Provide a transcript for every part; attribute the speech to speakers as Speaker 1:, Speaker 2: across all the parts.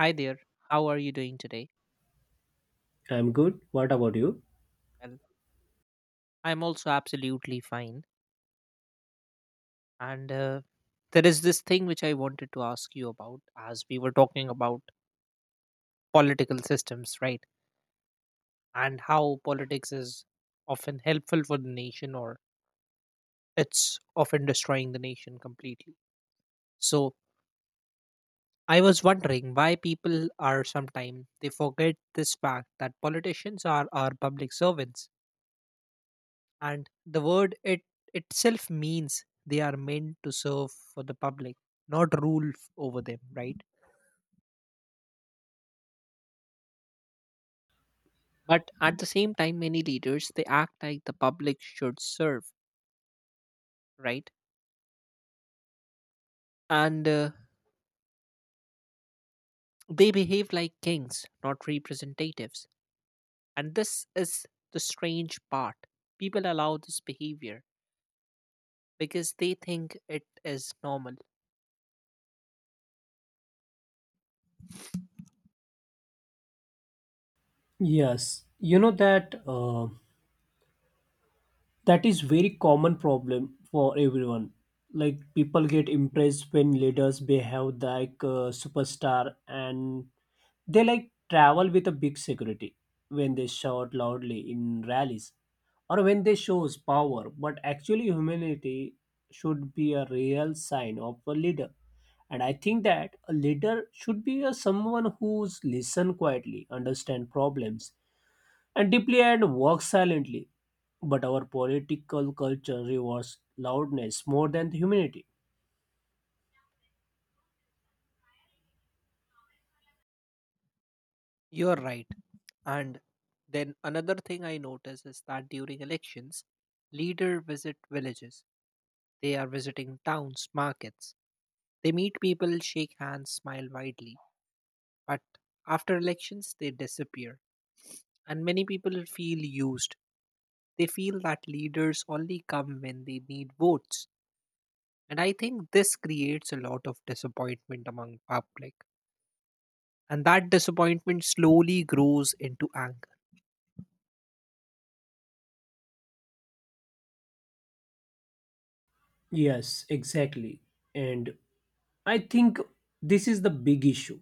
Speaker 1: Hi there. How are you doing today?
Speaker 2: I'm good. What about you?
Speaker 1: Well, I'm also absolutely fine. And There is this thing which I wanted to ask you about. As we were talking about political systems, right? And how politics is often helpful for the nation, or it's often destroying the nation completely. So I was wondering why people are sometimes they forget this fact that politicians are our public servants, and the word it itself means they are meant to serve for the public, not rule f- over them, right? But at the same time, many leaders they act like the public should serve, right? and They behave like kings, not representatives. And this is the strange part: people allow this behavior because they think it is normal.
Speaker 2: Yes, you know that that is very common problem for everyone, like people get impressed when leaders behave like a superstar and they like travel with a big security, when they shout loudly in rallies or when they shows power, but actually humility should be a real sign of a leader. And I think that a leader should be a someone who's listen quietly, understand problems and deeply and work silently. But our political culture rewards loudness more than humanity.
Speaker 1: You're right. And then another thing I notice is that during elections, leader visit villages. They are visiting towns, markets. They meet people, shake hands, smile widely. But after elections, they disappear. And many people feel used. They feel that leaders only come when they need votes. And I think this creates a lot of disappointment among public. And that disappointment slowly grows into anger.
Speaker 2: Yes, exactly. And I think this is the big issue.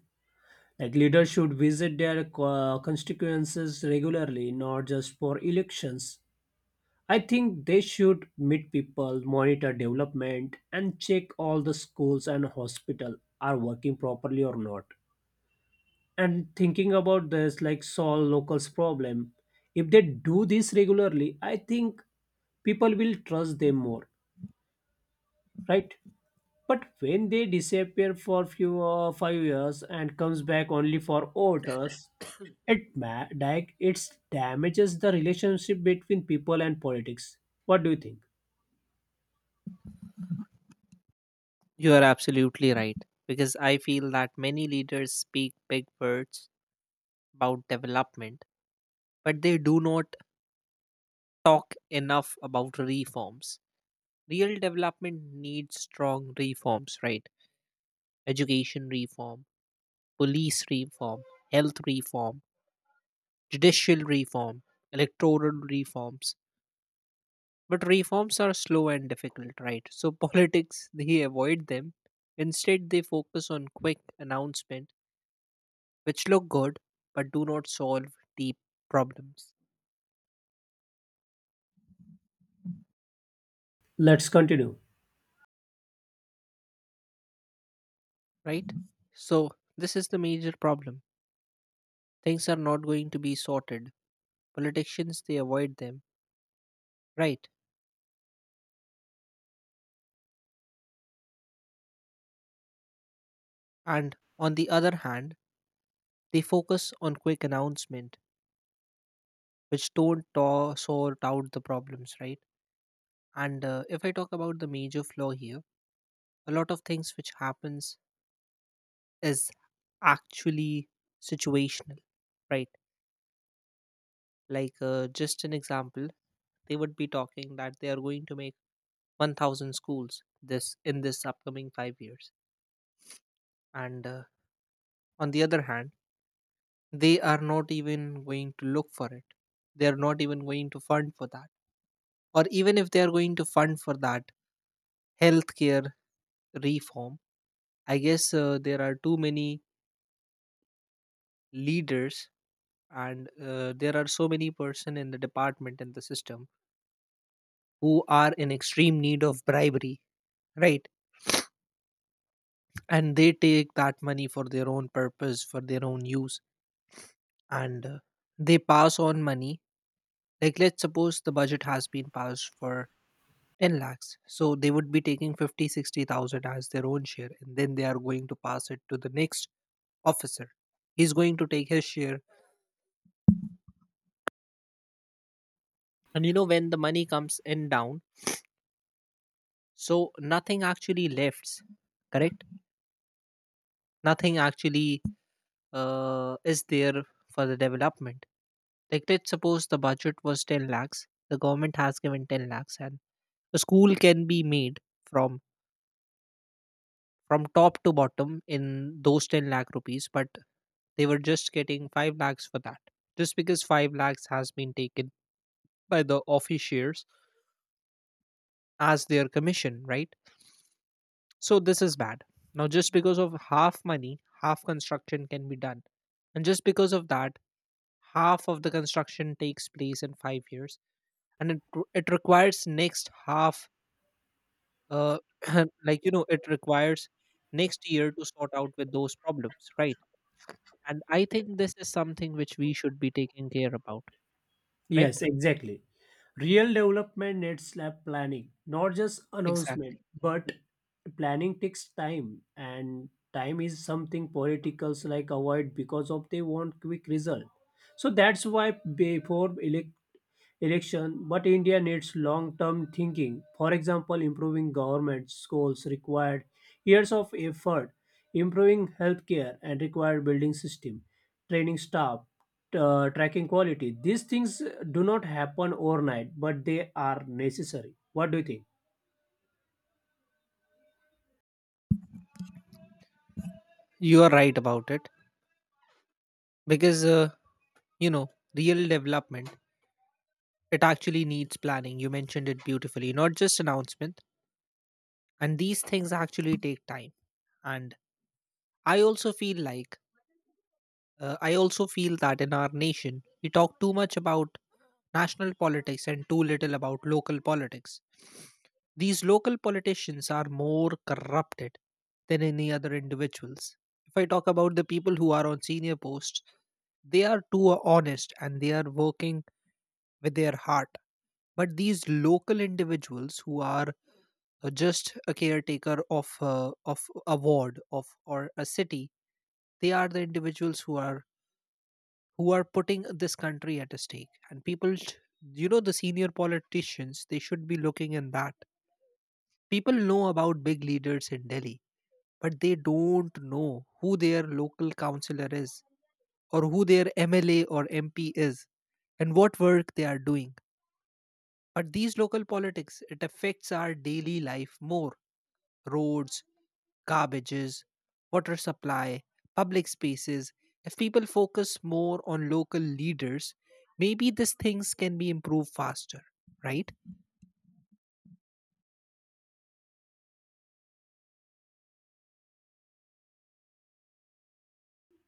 Speaker 2: Like leaders should visit their constituencies regularly, not just for elections. I think they should meet people, monitor development, and check all the schools and hospital are working properly or not. And thinking about this like solve locals problem. If they do this regularly, I think people will trust them more, right? But when they disappear for few 5 years and comes back only for orders, it ma- like it damages the relationship between people and politics. What do you think?
Speaker 1: You are absolutely right. Because I feel that many leaders speak big words about development, but they do not talk enough about reforms. Real development needs strong reforms, right? Education reform, police reform, health reform, judicial reform, electoral reforms. But reforms are slow and difficult, right? So politics, they avoid them. Instead, they focus on quick announcement, which look good but do not solve deep problems,
Speaker 2: Let's continue.
Speaker 1: right? So this is the major problem. Things are not going to be sorted. Politicians they avoid them, right? And on the other hand, they focus on quick announcement, which don't ta- sort out the problems, right? And If I talk about the major flaw here, a lot of things which happens is actually situational, right? Just an example, they would be talking that they are going to make 1,000 schools this in this upcoming 5 years, and on the other hand they are not even going to look for it. They are not even going to fund for that. Or even if they are going to fund for that, healthcare reform, I guess there are too many leaders, and there are so many person in the department in the system who are in extreme need of bribery, right? And they take that money for their own purpose, for their own use. And they pass on money. Like, let's suppose the budget has been passed for 10 lakhs. So they would be taking 50, 60,000 as their own share, and then they are going to pass it to the next officer. He's going to take his share. And you know, when the money comes in down, so nothing actually lefts, correct? Nothing actually is there for the development. Like, let's suppose the budget was 10 lakhs, the government has given 10 lakhs, and a school can be made from from top to bottom in those 10 lakh rupees, but they were just getting 5 lakhs for that. Just because 5 lakhs has been taken by the officiers as their commission, right? So this is bad. Now, just because of half money, half construction can be done. And just because of that, half of the construction takes place in 5 years. And it requires next half, uh, like, you know, it requires next year to sort out with those problems, right? And I think this is something which we should be taking care about, correct?
Speaker 2: Yes, exactly. Real development needs lab planning, not just
Speaker 1: Exactly.
Speaker 2: announcement, but planning takes time, and time is something politicals like avoid because of they want quick result. So that's why before election, but India needs long term thinking. For example, improving government schools required years of effort, improving healthcare and required building system, training staff, tracking quality. These things do not happen overnight, but they are necessary. What do you think?
Speaker 1: You are right about it because, you know, real development, it actually needs planning. You mentioned it beautifully, not just announcement. And these things actually take time. And I also feel like I also feel that in our nation, we talk too much about national politics and too little about local politics. These local politicians are more corrupted than any other individuals. If I talk about the people who are on senior posts, they are too honest and they are working with their heart. But these local individuals who are just a caretaker of of a ward of or a city, they are the individuals who are putting this country at a stake. And people, sh- you know, the senior politicians, they should be looking in that. People know about big leaders in Delhi, but they don't know who their local councillor is, or who their MLA or MP is, and what work they are doing. But these local politics, it affects our daily life more. Roads, garbages, water supply, public spaces, if people focus more on local leaders, maybe these things can be improved faster, right?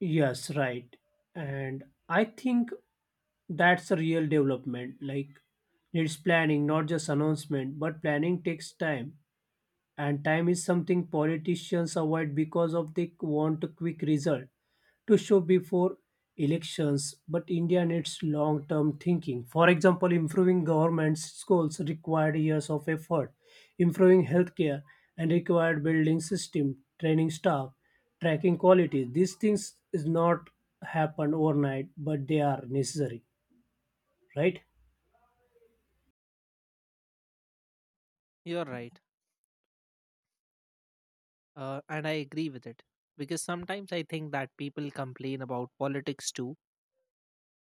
Speaker 2: Yes, right. And I think that's a real development. Like, needs planning, not just announcement, but planning takes time. And time is something politicians avoid because of they want a quick result to show before elections. But India needs long term thinking. For example, improving government schools required years of effort, improving healthcare and required building system, training staff, tracking quality. These things is not happen overnight, but they are necessary, right?
Speaker 1: You're right. And I agree with it. Because sometimes I think that people complain about politics too,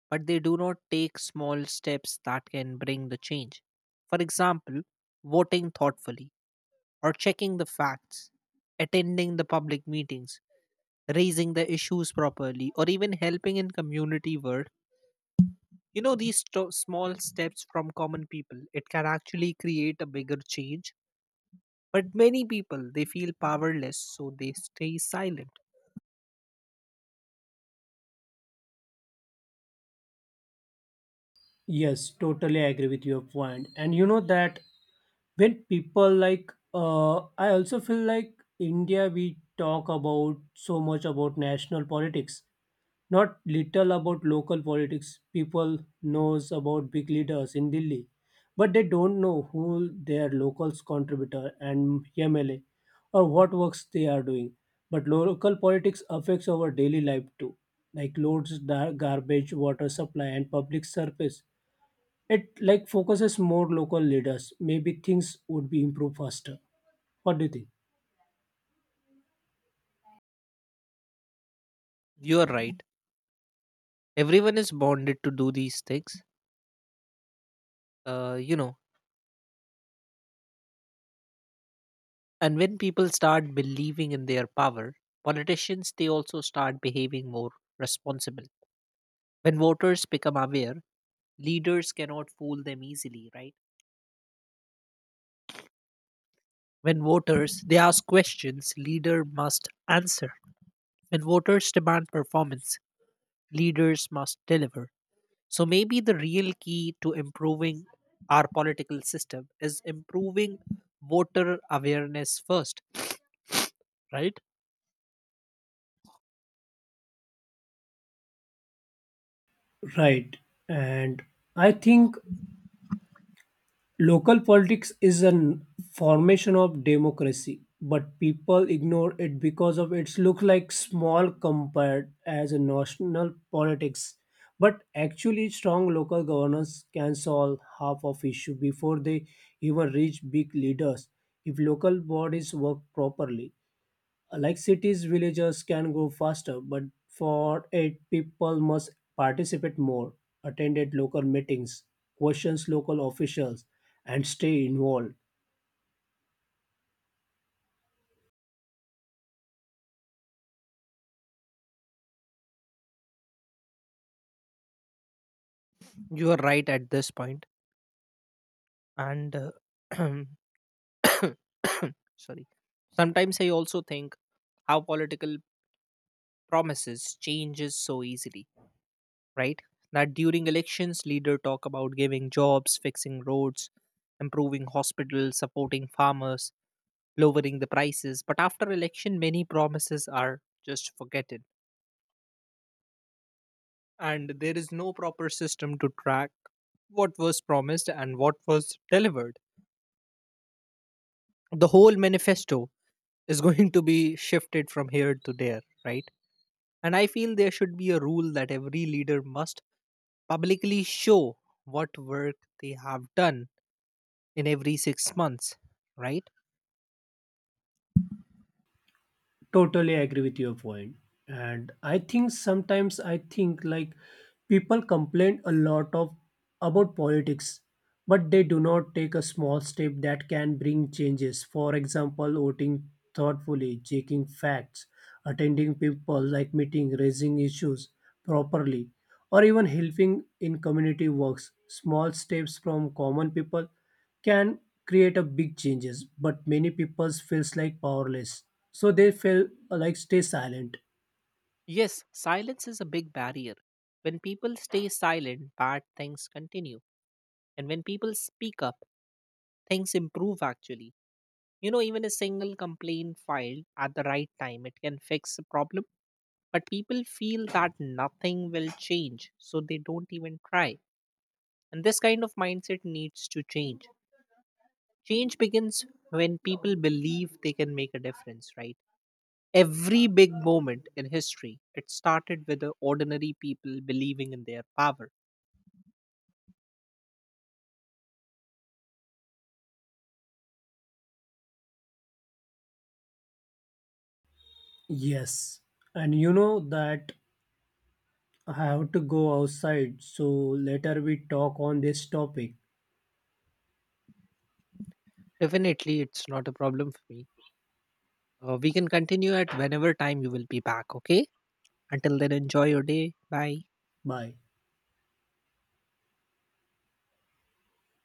Speaker 1: but they do not take small steps that can bring the change. For example, voting thoughtfully, or checking the facts, attending the public meetings, raising the issues properly, or even helping in community work. You know, these sto- small steps from common people, it can actually create a bigger change. But many people, they feel powerless, so they stay silent.
Speaker 2: Yes, totally agree with your point. And you know that when people like I also feel like India we talk about so much about national politics, not little about local politics. People knows about big leaders in Delhi, but they don't know who their locals contributor and MLA or what works they are doing. But local politics affects our daily life too, like loads, garbage, water supply, and public service. It like focuses more local leaders. Maybe things would be improved faster. What do you think?
Speaker 1: You're right. Everyone is bonded to do these things, you know. And when people start believing in their power, politicians, they also start behaving more responsible. When voters become aware, leaders cannot fool them easily, right? When voters they ask questions, leader must answer. When voters demand performance, leaders must deliver. So maybe the real key to improving our political system is improving voter awareness first, right?
Speaker 2: Right. And I think local politics is a formation of democracy, but people ignore it because of its look like small compared as a national politics. But actually strong local governance can solve half of issue before they even reach big leaders if local bodies work properly. Like cities, villages can go faster, but for it, people must participate more, attend at local meetings, questions local officials, and stay involved.
Speaker 1: You are right at this point. And uh, Sorry. Sometimes I also think how political promises changes so easily, right? That during elections, leader talk about giving jobs, fixing roads, improving hospitals, supporting farmers, lowering the prices. But after election, many promises are just forgotten, and there is no proper system to track what was promised and what was delivered. The whole manifesto is going to be shifted from here to there, right? And I feel there should be a rule that every leader must publicly show what work they have done in every 6 months, right?
Speaker 2: Totally agree with your point. And I think sometimes I think like people complain a lot of about politics, but they do not take a small step that can bring changes. For example, voting thoughtfully, checking facts, attending people like meeting, raising issues properly, or even helping in community works. Small steps from common people can create a big changes, but many people feels like powerless, so they feel, like, stay silent.
Speaker 1: Yes, silence is a big barrier. When people stay silent, bad things continue. And when people speak up, things improve actually. You know, even a single complaint filed at the right time, it can fix a problem. But people feel that nothing will change, so they don't even try. And this kind of mindset needs to change. Change begins when people believe they can make a difference, right? Every big moment in history, it started with the ordinary people believing in their power.
Speaker 2: Yes. And you know that I have to go outside, so later we talk on this topic.
Speaker 1: Definitely, it's not a problem for me. We can continue at whenever time you will be back, okay? Until then, enjoy your day. Bye.
Speaker 2: Bye.